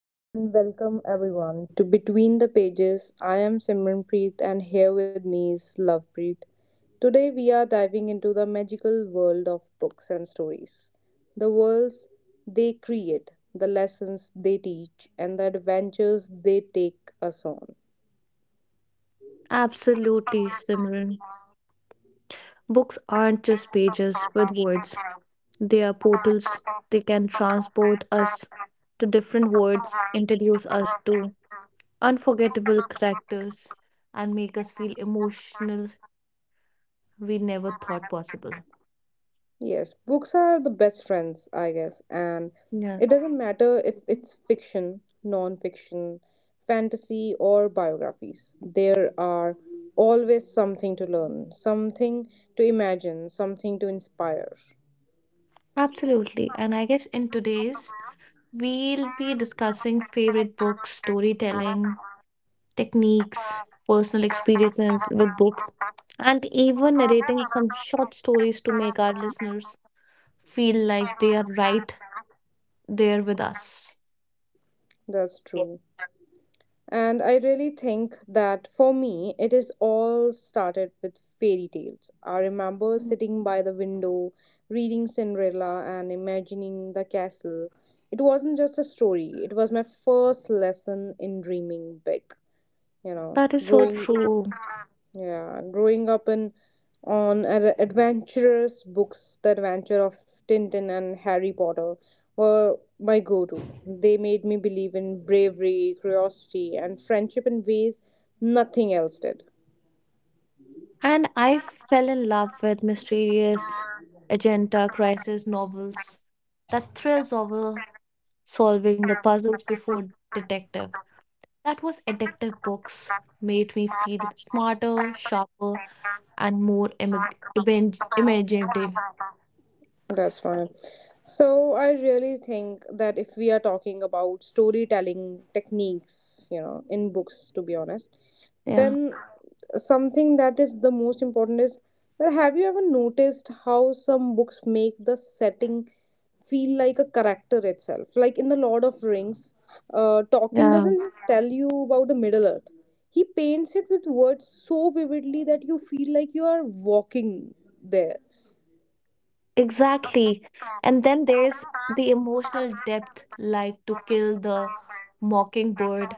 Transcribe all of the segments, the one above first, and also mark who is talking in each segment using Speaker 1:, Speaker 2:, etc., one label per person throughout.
Speaker 1: Hello and welcome everyone to Between the Pages. I am Simranpreet and here with me is Lovepreet. Today we are diving into the magical world of books and stories. The worlds they create, the lessons they teach, and the adventures they take us on.
Speaker 2: Absolutely, Simran. Books aren't just pages with words, they are portals. They can transport us to different worlds, introduce us to unforgettable characters, and make us feel emotional we never thought possible.
Speaker 1: Yes, books are the best friends, I guess, and
Speaker 2: Yes.
Speaker 1: it doesn't matter if it's fiction, non fiction, fantasy, or biographies. There are always something to learn, something to imagine, something to inspire.
Speaker 2: Absolutely. And I guess in today's, we'll be discussing favorite books, storytelling, techniques, personal experiences with books, and even narrating some short stories to make our listeners feel like they are right there with us.
Speaker 1: That's
Speaker 2: Yes.
Speaker 1: true. And I really think that for me, it is all started with fairy tales. I remember sitting by the window, reading Cinderella and imagining the castle. It wasn't just a story, it was my first lesson in dreaming big, you know
Speaker 2: That is so
Speaker 1: growing
Speaker 2: true.
Speaker 1: yeah growing up in on ad- adventurous books, the adventure of Tintin and Harry Potter were my go-to. They made me believe in bravery, curiosity and friendship in ways nothing else did.
Speaker 2: And I fell in love with mysterious agenda crisis novels that thrills over solving the puzzles before detective. That was addictive books made me feel smarter, sharper, and more imaginative.
Speaker 1: That's fine. So I really think that if we are talking about storytelling techniques, you know, in books, to be honest,
Speaker 2: Yeah.
Speaker 1: then something that is the most important is that have you ever noticed how some books make the setting feel like a character itself? Like in The Lord of Rings, Tolkien
Speaker 2: Yeah,
Speaker 1: doesn't just tell you about the Middle Earth. He paints it with words so vividly that you feel like you are walking there.
Speaker 2: exactly. And then there's the emotional depth, like to kill the mockingbird.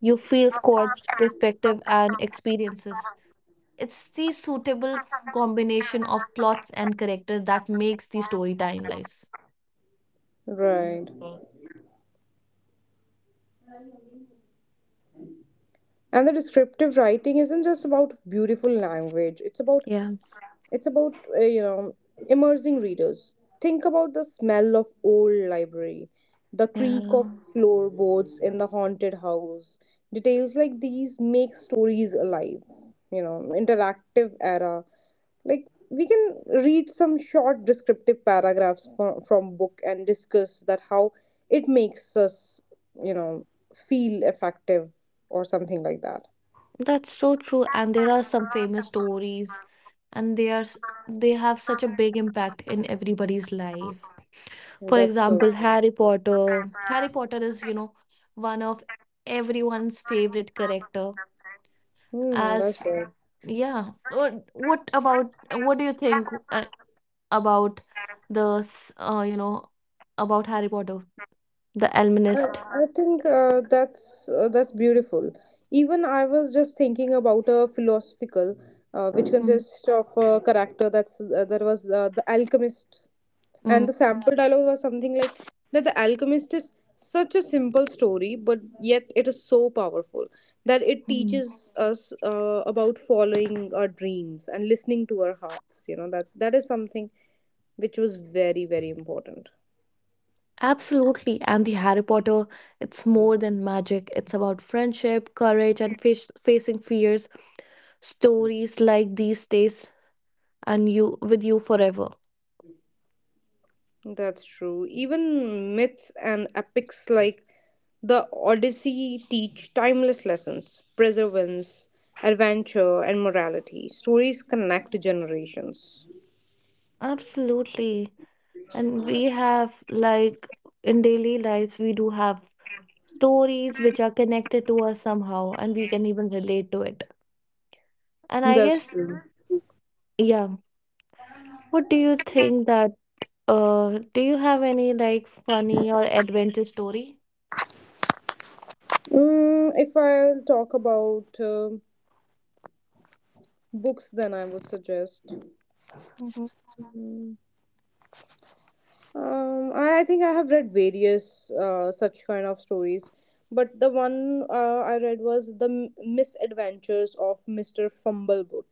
Speaker 2: You feel Scott's perspective and experiences. It's the suitable combination of plots and character that makes the story timeless.
Speaker 1: Right.
Speaker 2: Mm.
Speaker 1: And the descriptive writing isn't just about beautiful language, it's about,
Speaker 2: Yeah,
Speaker 1: it's about you know, immersing readers. Think about the smell of old library, the
Speaker 2: yeah,
Speaker 1: creak of floorboards in the haunted house. Details like these make stories alive, you know, interactive era. Like we can read some short descriptive paragraphs from book and discuss that how it makes us, you know, feel effective or something like that.
Speaker 2: that's so true. And there are some famous stories, and they have such a big impact in everybody's life. For
Speaker 1: That's so
Speaker 2: example,
Speaker 1: true.
Speaker 2: Harry Potter. Harry Potter is, you know, one of everyone's favorite character.
Speaker 1: Hmm, that's
Speaker 2: As
Speaker 1: right.
Speaker 2: yeah, what about what do you think? About you know, about Harry Potter, the
Speaker 1: I,
Speaker 2: Almanist.
Speaker 1: I think that's beautiful. Even I was just thinking about a philosophical, which
Speaker 2: Mm,
Speaker 1: consists of a character that's there was the alchemist,
Speaker 2: mm,
Speaker 1: and the sample dialogue was something like that. The alchemist is such a simple story, but yet it is so powerful that it
Speaker 2: mm.
Speaker 1: teaches us about following our dreams and listening to our hearts. You know that that is something which was very important.
Speaker 2: Absolutely. And the Harry Potter, it's more than magic. It's about friendship, courage, and face facing fears. Stories like these stays and you with you forever.
Speaker 1: That's true. Even myths and epics like the Odyssey teach timeless lessons, perseverance, adventure, and morality. Stories connect generations.
Speaker 2: Absolutely. And we have like in daily lives, we do have stories which are connected to us somehow, and we can even relate to it. And I
Speaker 1: That's
Speaker 2: guess,
Speaker 1: true.
Speaker 2: yeah. What do you think that do you have any like funny or adventure story?
Speaker 1: If I'll talk about books, then I would suggest.
Speaker 2: Mm-hmm.
Speaker 1: Mm, I think I have read various such kind of stories, but the one I read was The M- Misadventures of Mr. Fumbleboot.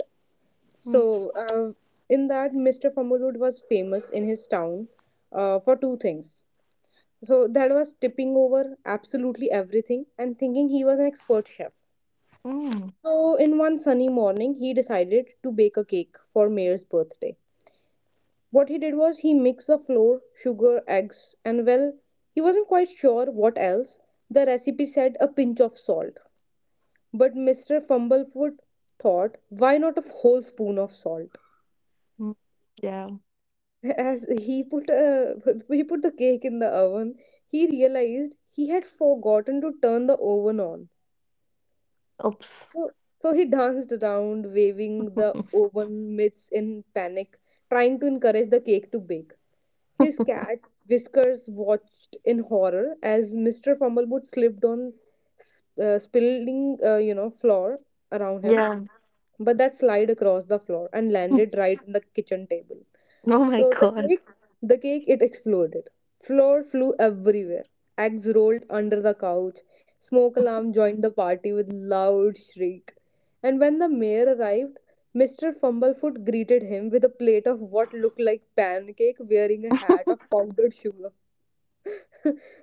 Speaker 2: mm
Speaker 1: So, in that, Mr. Fumbleroot was famous in his town for two things. So, that was tipping over absolutely everything and thinking he was an expert chef.
Speaker 2: mm,
Speaker 1: So, in one sunny morning, he decided to bake a cake for Mayor's birthday. What he did was he mixed the flour, sugar, eggs, and well, he wasn't quite sure what else. The recipe said a pinch of salt. But Mr. Fumblefoot thought, why not a whole spoon of salt?
Speaker 2: mm. Yeah.
Speaker 1: As he put he put the cake in the oven, he realized he had forgotten to turn the oven on.
Speaker 2: Oops.
Speaker 1: So so he danced around, waving the oven mitts in panic, trying to encourage the cake to bake. His cat Whiskers watched in horror as Mr. Fumblefoot slipped on, spilling you know, flour around him,
Speaker 2: Yeah.
Speaker 1: but that slide across the floor and landed right on the kitchen table.
Speaker 2: Oh my
Speaker 1: So the
Speaker 2: God.
Speaker 1: cake, the cake, it exploded. Flour flew everywhere. Eggs rolled under the couch. Smoke alarm joined the party with loud shriek. And when the mayor arrived, Mr. Fumblefoot greeted him with a plate of what looked like pancake wearing a hat of powdered sugar.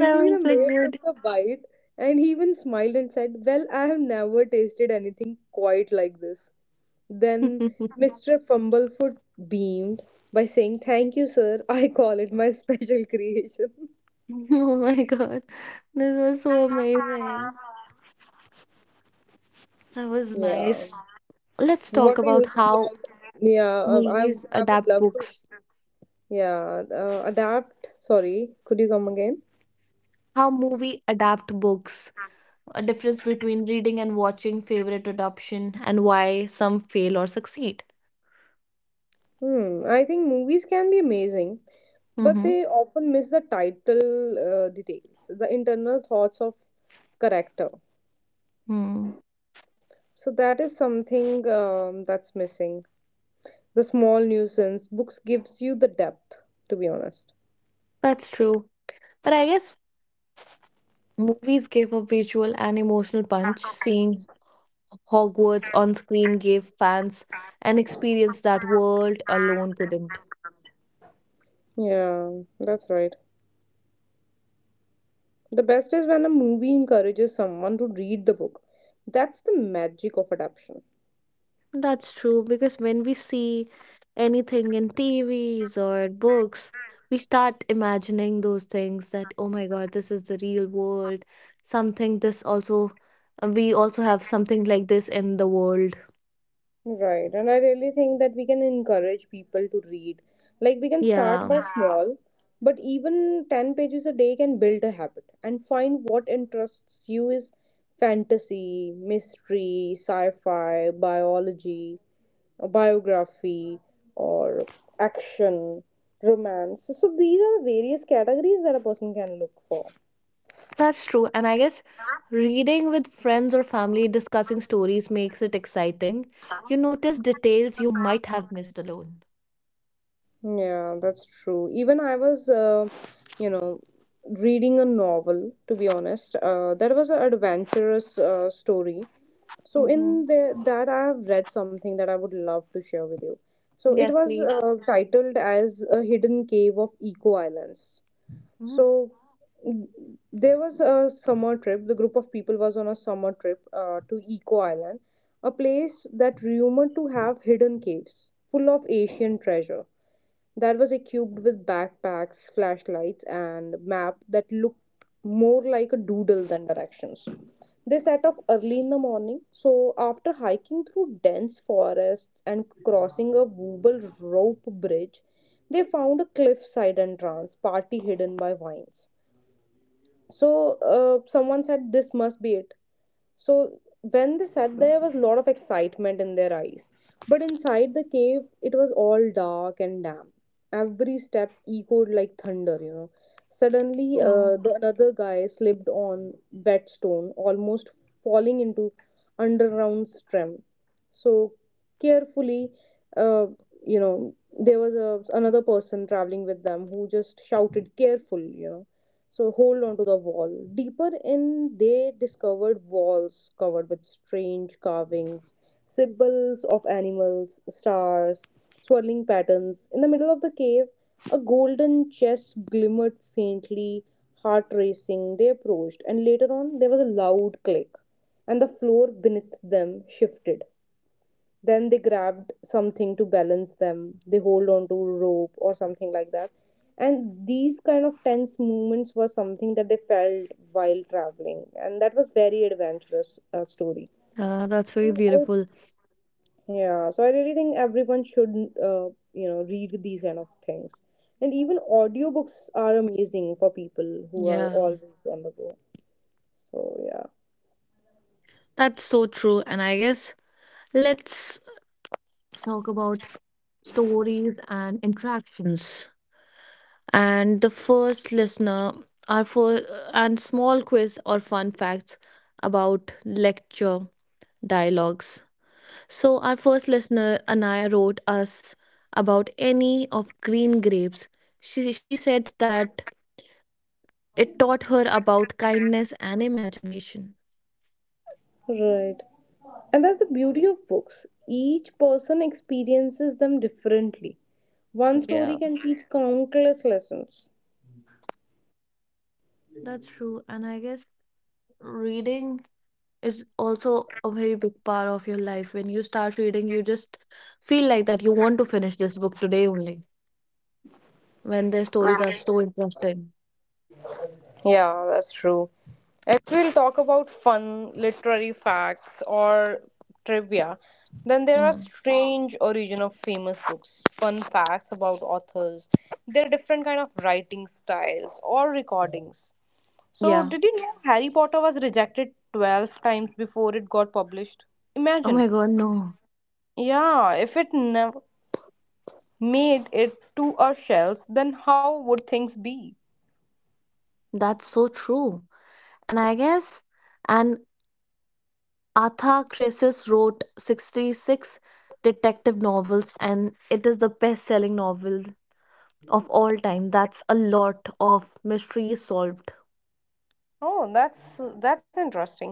Speaker 2: That
Speaker 1: the
Speaker 2: was so
Speaker 1: mayor took
Speaker 2: good.
Speaker 1: a bite and he even smiled and said, "Well, I have never tasted anything quite like this." Then Mr. Fumblefoot beamed by saying, "Thank you, sir. I call it my special creation."
Speaker 2: Oh my God. This was so amazing. That was
Speaker 1: Yeah.
Speaker 2: nice. Let's talk
Speaker 1: What do
Speaker 2: about
Speaker 1: you think
Speaker 2: how
Speaker 1: about— yeah,
Speaker 2: movies
Speaker 1: I would
Speaker 2: adapt
Speaker 1: love to.
Speaker 2: books.
Speaker 1: Yeah, adapt. Sorry, could you come again?
Speaker 2: How movie adapt books. A difference between reading and watching favorite adoption and why some fail or succeed.
Speaker 1: Hmm, I think movies can be amazing, but
Speaker 2: Mm-hmm.
Speaker 1: they often miss the title details, the internal thoughts of character.
Speaker 2: Mm.
Speaker 1: So that is something, that's missing. The small nuisance books gives you the depth, to be honest.
Speaker 2: That's true. But I guess movies gave a visual and emotional punch. Seeing Hogwarts on screen gave fans an experience that world alone couldn't.
Speaker 1: Yeah, that's right. The best is when a movie encourages someone to read the book. That's the magic of adaptation.
Speaker 2: That's true because when we see anything in TVs or books, we start imagining those things that, oh my God, this is the real world. Something this also, we also have something like this in the world.
Speaker 1: Right, and I really think that we can encourage people to read. Like, we can start
Speaker 2: Yeah,
Speaker 1: by small, but even 10 pages a day can build a habit, and find what interests you is fantasy, mystery, sci fi, biology, a biography, or action, romance. So, these are the various categories that a person can look for.
Speaker 2: that's true. And I guess reading with friends or family discussing stories makes it exciting. You notice details you might have missed alone.
Speaker 1: Yeah, that's true. Even I was, you know, reading a novel, to be honest. That was an adventurous story. So
Speaker 2: Mm-hmm.
Speaker 1: that I have read something that I would love to share with you. So it
Speaker 2: Yes,
Speaker 1: was
Speaker 2: please.
Speaker 1: titled as A Hidden Cave of Eco Islands.
Speaker 2: Mm.
Speaker 1: So, mm, there was a summer trip. The group of people was on a summer trip to Eco Island, a place that rumored to have hidden caves full of Asian treasure, that was equipped with backpacks, flashlights, and map that looked more like a doodle than directions. They set off early in the morning, so after hiking through dense forests and crossing a wobble rope bridge, they found a cliffside entrance, partly hidden by vines. So someone said, "This must be it." So when they said there was a lot of excitement in their eyes. But inside the cave, it was all dark and damp. Every step echoed like thunder, you know. Suddenly,
Speaker 2: Oh,
Speaker 1: the another guy slipped on wet stone, almost falling into underground stream. So carefully, uh, you know, there was another person traveling with them who just shouted, "Careful!" You know, so hold on to the wall. Deeper in, they discovered walls covered with strange carvings, symbols of animals, stars, swirling patterns. In the middle of the cave, a golden chest glimmered faintly, heart racing. They approached, and later on, there was a loud click, and the floor beneath them shifted. Then they grabbed something to balance them. They hold on to rope or something like that. And these kind of tense movements were something that they felt while traveling, and that was very adventurous story.
Speaker 2: that's very
Speaker 1: I
Speaker 2: beautiful.
Speaker 1: yeah, so I really think everyone should, you know, read these kind of things. And even audiobooks are amazing for people who are
Speaker 2: Yeah.
Speaker 1: always on the go. So, yeah.
Speaker 2: That's so true. And I guess let's talk about stories and interactions. And the first listener, our first and small quiz or fun facts about lecture dialogues. So our first listener, Anaya, wrote us about any of Green Grapes. She said that it taught her about kindness and imagination.
Speaker 1: Right. And that's the beauty of books. Each person experiences them differently. One story
Speaker 2: Yeah,
Speaker 1: can teach countless lessons.
Speaker 2: that's true. And I guess reading is also a very big part of your life. When you start reading, you just feel like that you want to finish this book today only. When their stories are so interesting.
Speaker 1: Yeah, that's true. If we'll talk about fun literary facts or trivia, then there are
Speaker 2: Mm.
Speaker 1: strange origin of famous books, fun facts about authors, their different kind of writing styles or recordings. So,
Speaker 2: Yeah.
Speaker 1: did you know Harry Potter was rejected 12 times before it got published?
Speaker 2: Oh
Speaker 1: Imagine.
Speaker 2: my God, no.
Speaker 1: Yeah, if it never made it to our shelves, then how would things be?
Speaker 2: That's so true. And I guess, and Arthur Crisis wrote 66 detective novels, and it is the best selling novel of all time. That's a lot of mysteries solved.
Speaker 1: Oh, that's interesting.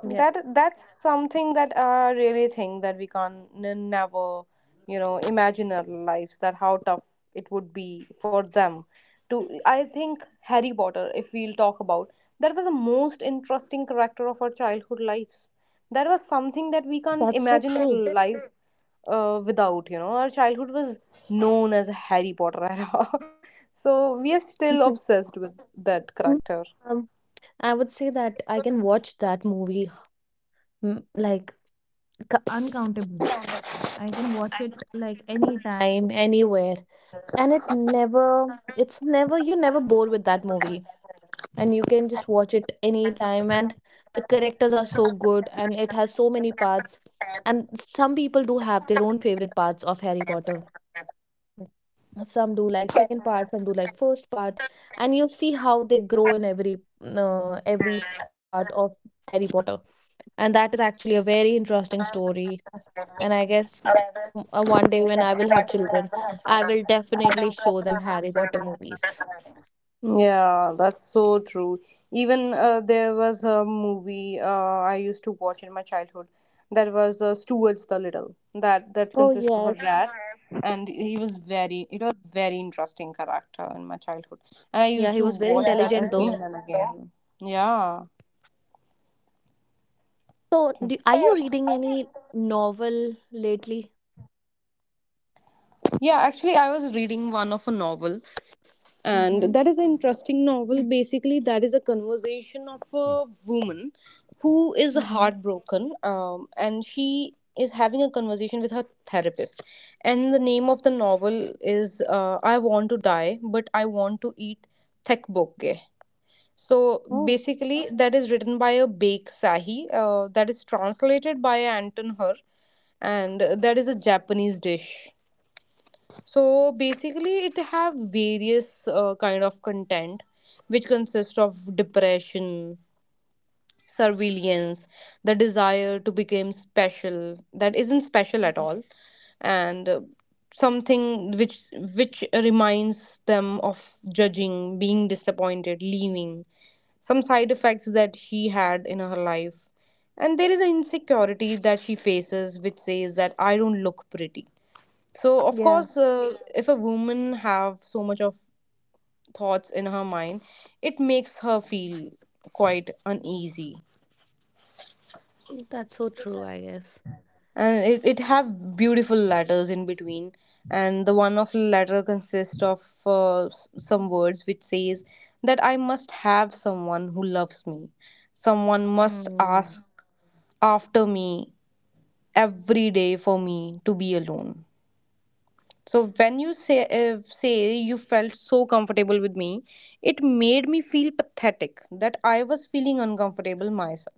Speaker 2: Yeah.
Speaker 1: That's something that I really think that we can never, you know, imagine our lives that how tough it would be for them to. I think Harry Potter, if we'll talk about, that was the most interesting character of our childhood lives. That was
Speaker 2: That's so
Speaker 1: something that we
Speaker 2: true.
Speaker 1: can't imagine our life without. You know, our childhood was known as Harry Potter era, so we are still obsessed with that character.
Speaker 2: Um, I would say that I can watch that movie mm, like uncountable. I can watch it like anytime, anywhere. And it never, it's never, you're never bored with that movie. And you can just watch it anytime. And the characters are so good and it has so many parts. And some people do have their own favorite parts of Harry Potter. Some do like second part, some do like first part, and you see how they grow in every part of Harry Potter. And that is actually a very interesting story. And I guess one day when I will have children, I will definitely show them Harry Potter movies.
Speaker 1: Yeah, that's so true. Even there was a movie I used to watch in my childhood that was Stuart's the Little. That
Speaker 2: Oh,
Speaker 1: consists of a rat,
Speaker 2: yes.
Speaker 1: and he was very it was very interesting character in my childhood, and I
Speaker 2: Yeah,
Speaker 1: used
Speaker 2: he
Speaker 1: to
Speaker 2: was very
Speaker 1: watch that
Speaker 2: intelligent though.
Speaker 1: again and again. Yeah,
Speaker 2: So, do, are you reading any novel lately?
Speaker 1: yeah. Actually, I was reading one of a novel and
Speaker 2: Mm-hmm.
Speaker 1: that is an interesting novel, basically that is a conversation of a woman who is
Speaker 2: Mm-hmm.
Speaker 1: heartbroken, and she is having a conversation with her therapist, and the name of the novel is I Want to Die but I Want to Eat Thekbokke. So
Speaker 2: Oh,
Speaker 1: basically that is written by a Bake Sahi, that is translated by Anton Her, and that is a Japanese dish. So basically, it have various kind of content, which consist of depression, surveillance, the desire to become special that isn't special at
Speaker 2: mhm.
Speaker 1: all, and something which reminds them of judging, being disappointed, leaving, some side effects that she had in her life, and there is an insecurity that she faces, which says that I don't look pretty. So of
Speaker 2: Yeah.
Speaker 1: course, if a woman have so much of thoughts in her mind, it makes her feel quite uneasy.
Speaker 2: That's so true, I guess.
Speaker 1: And it have beautiful letters in between. And the one of letter consists of some words which says that I must have someone who loves me. Someone must
Speaker 2: Hmm.
Speaker 1: ask after me every day for me to be alone. So when you say, say you felt so comfortable with me, it made me feel pathetic that I was feeling uncomfortable myself.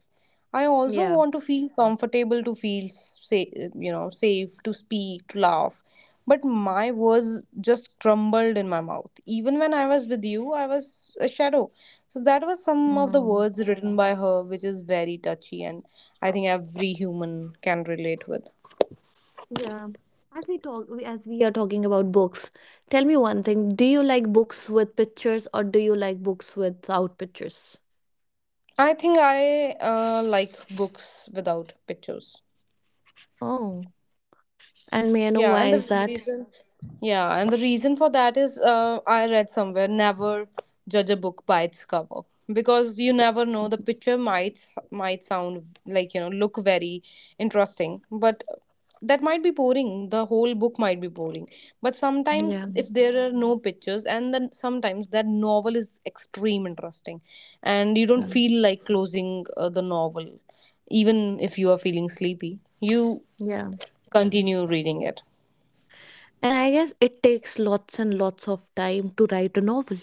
Speaker 1: I also
Speaker 2: Yeah.
Speaker 1: want to feel comfortable to feel, say, you know, safe to speak to laugh, but my words just crumbled in my mouth. Even when I was with you, I was a shadow. So that was some of the
Speaker 2: Mm.
Speaker 1: words written by her, which is very touchy, and I think every human can relate with.
Speaker 2: Yeah. As we are talking about books, tell me one thing. Do you like books with pictures or do you like books without pictures?
Speaker 1: I think I like books without pictures.
Speaker 2: Oh, and may I know
Speaker 1: Yeah, and
Speaker 2: why is
Speaker 1: the
Speaker 2: that?
Speaker 1: reason, yeah, and the reason for that is I read somewhere never judge a book by its cover, because you never know the picture might sound like, you know, look very interesting, but that might be boring. The whole book might be boring. But sometimes
Speaker 2: Yeah.
Speaker 1: if there are no pictures, and then sometimes that novel is extreme interesting, and you don't
Speaker 2: Yeah.
Speaker 1: feel like closing the novel, even if you are feeling sleepy, you
Speaker 2: Yeah.
Speaker 1: continue reading it.
Speaker 2: And I guess it takes lots and lots of time to write a novel.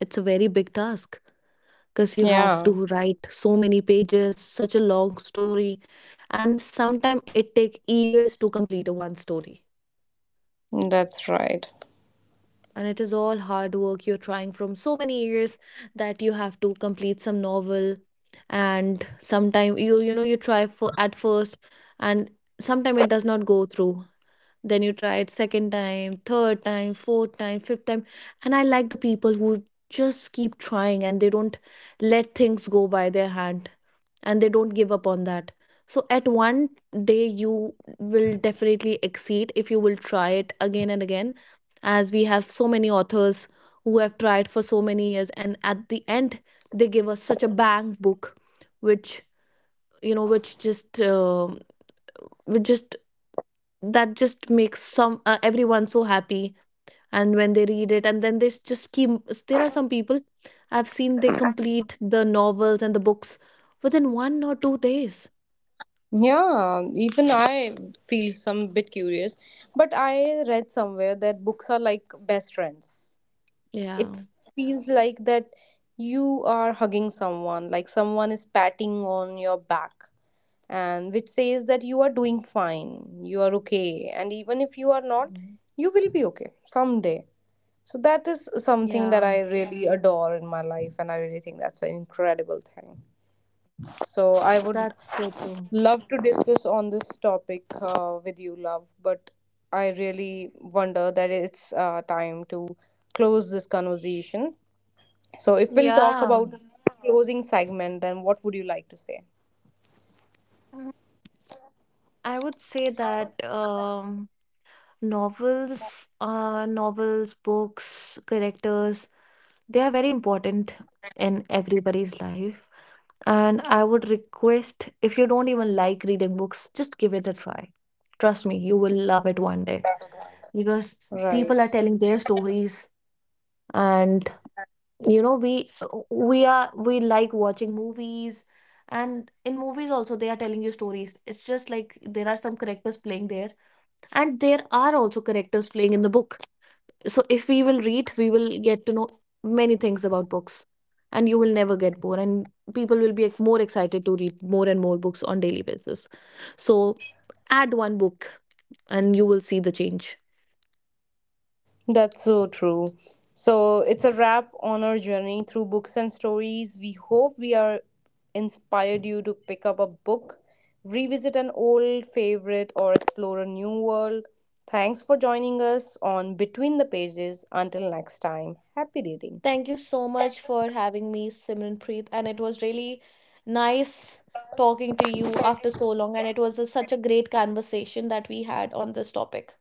Speaker 2: It's a very big task because you have
Speaker 1: Yeah,
Speaker 2: to write so many pages, such a long story, and sometimes it takes years to complete a one story.
Speaker 1: that's right.
Speaker 2: And it is all hard work, you're trying from so many years that you have to complete some novel. And sometime you, you know, you try for at first, and sometime it does not go through. Then you try it second time, third time, fourth time, fifth time. And I like the people who just keep trying and they don't let things go by their hand, and they don't give up on that. So at one day you will definitely exceed if you will try it again and again, as we have so many authors who have tried for so many years, and at the end they give us such a bang book which, you know, which just which just that just makes some everyone so happy. And when they read it, and then they just keep, there are some people I've seen they complete the novels and the books within one or two days.
Speaker 1: Yeah, even I feel some bit curious, but I read somewhere that books are like best friends.
Speaker 2: Yeah.
Speaker 1: It feels like that you are hugging someone, like someone is patting on your back, and which says that you are doing fine, you are okay, and even if you are not,
Speaker 2: Mhm.
Speaker 1: you will be okay someday. So that is something
Speaker 2: Yeah,
Speaker 1: that I really adore in my life, and I really think that's an incredible thing. So I would
Speaker 2: that's so true.
Speaker 1: love to discuss on this topic with you, love, but I really wonder that it's time to close this conversation. So if we'll talk
Speaker 2: Yeah.
Speaker 1: about closing segment, then what would you like to say?
Speaker 2: Mm, I would say that novels, books, characters, they are very important in everybody's life. And I would request if you don't even like reading books, just give it a try. Trust me, you will love it one day because
Speaker 1: Right.
Speaker 2: people are telling their stories, and you know, we like watching movies, and in movies also they are telling you stories. It's just like there are some characters playing there, and there are also characters playing in the book. So if we will read, we will get to know many things about books, and you will never get bored, and people will be like more excited to read more and more books on daily basis. So add one book and you will see the change.
Speaker 1: That's so true. So it's a wrap on our journey through books and stories. We hope we are inspired you to pick up a book, revisit an old favorite, or explore a new world. Thanks for joining us on Between the Pages. Until next time, happy reading.
Speaker 2: Thank you so much for having me, Simranpreet, and it was really nice talking to you after so long, and it was a, such a great conversation that we had on this topic.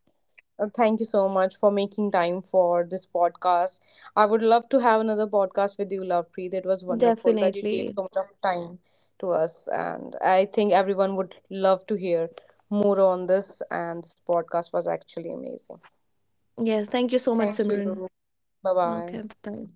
Speaker 1: Thank you so much for making time for this podcast. I would love to have another podcast with you, Lovepreet. It was wonderful that you gave
Speaker 2: Definitely.
Speaker 1: so much of time to us, and I think everyone would love to hear more on this. And this podcast was actually amazing.
Speaker 2: Yes. Thank you so much,
Speaker 1: Thank you.
Speaker 2: Simran.
Speaker 1: Bye bye.
Speaker 2: Okay. Bye.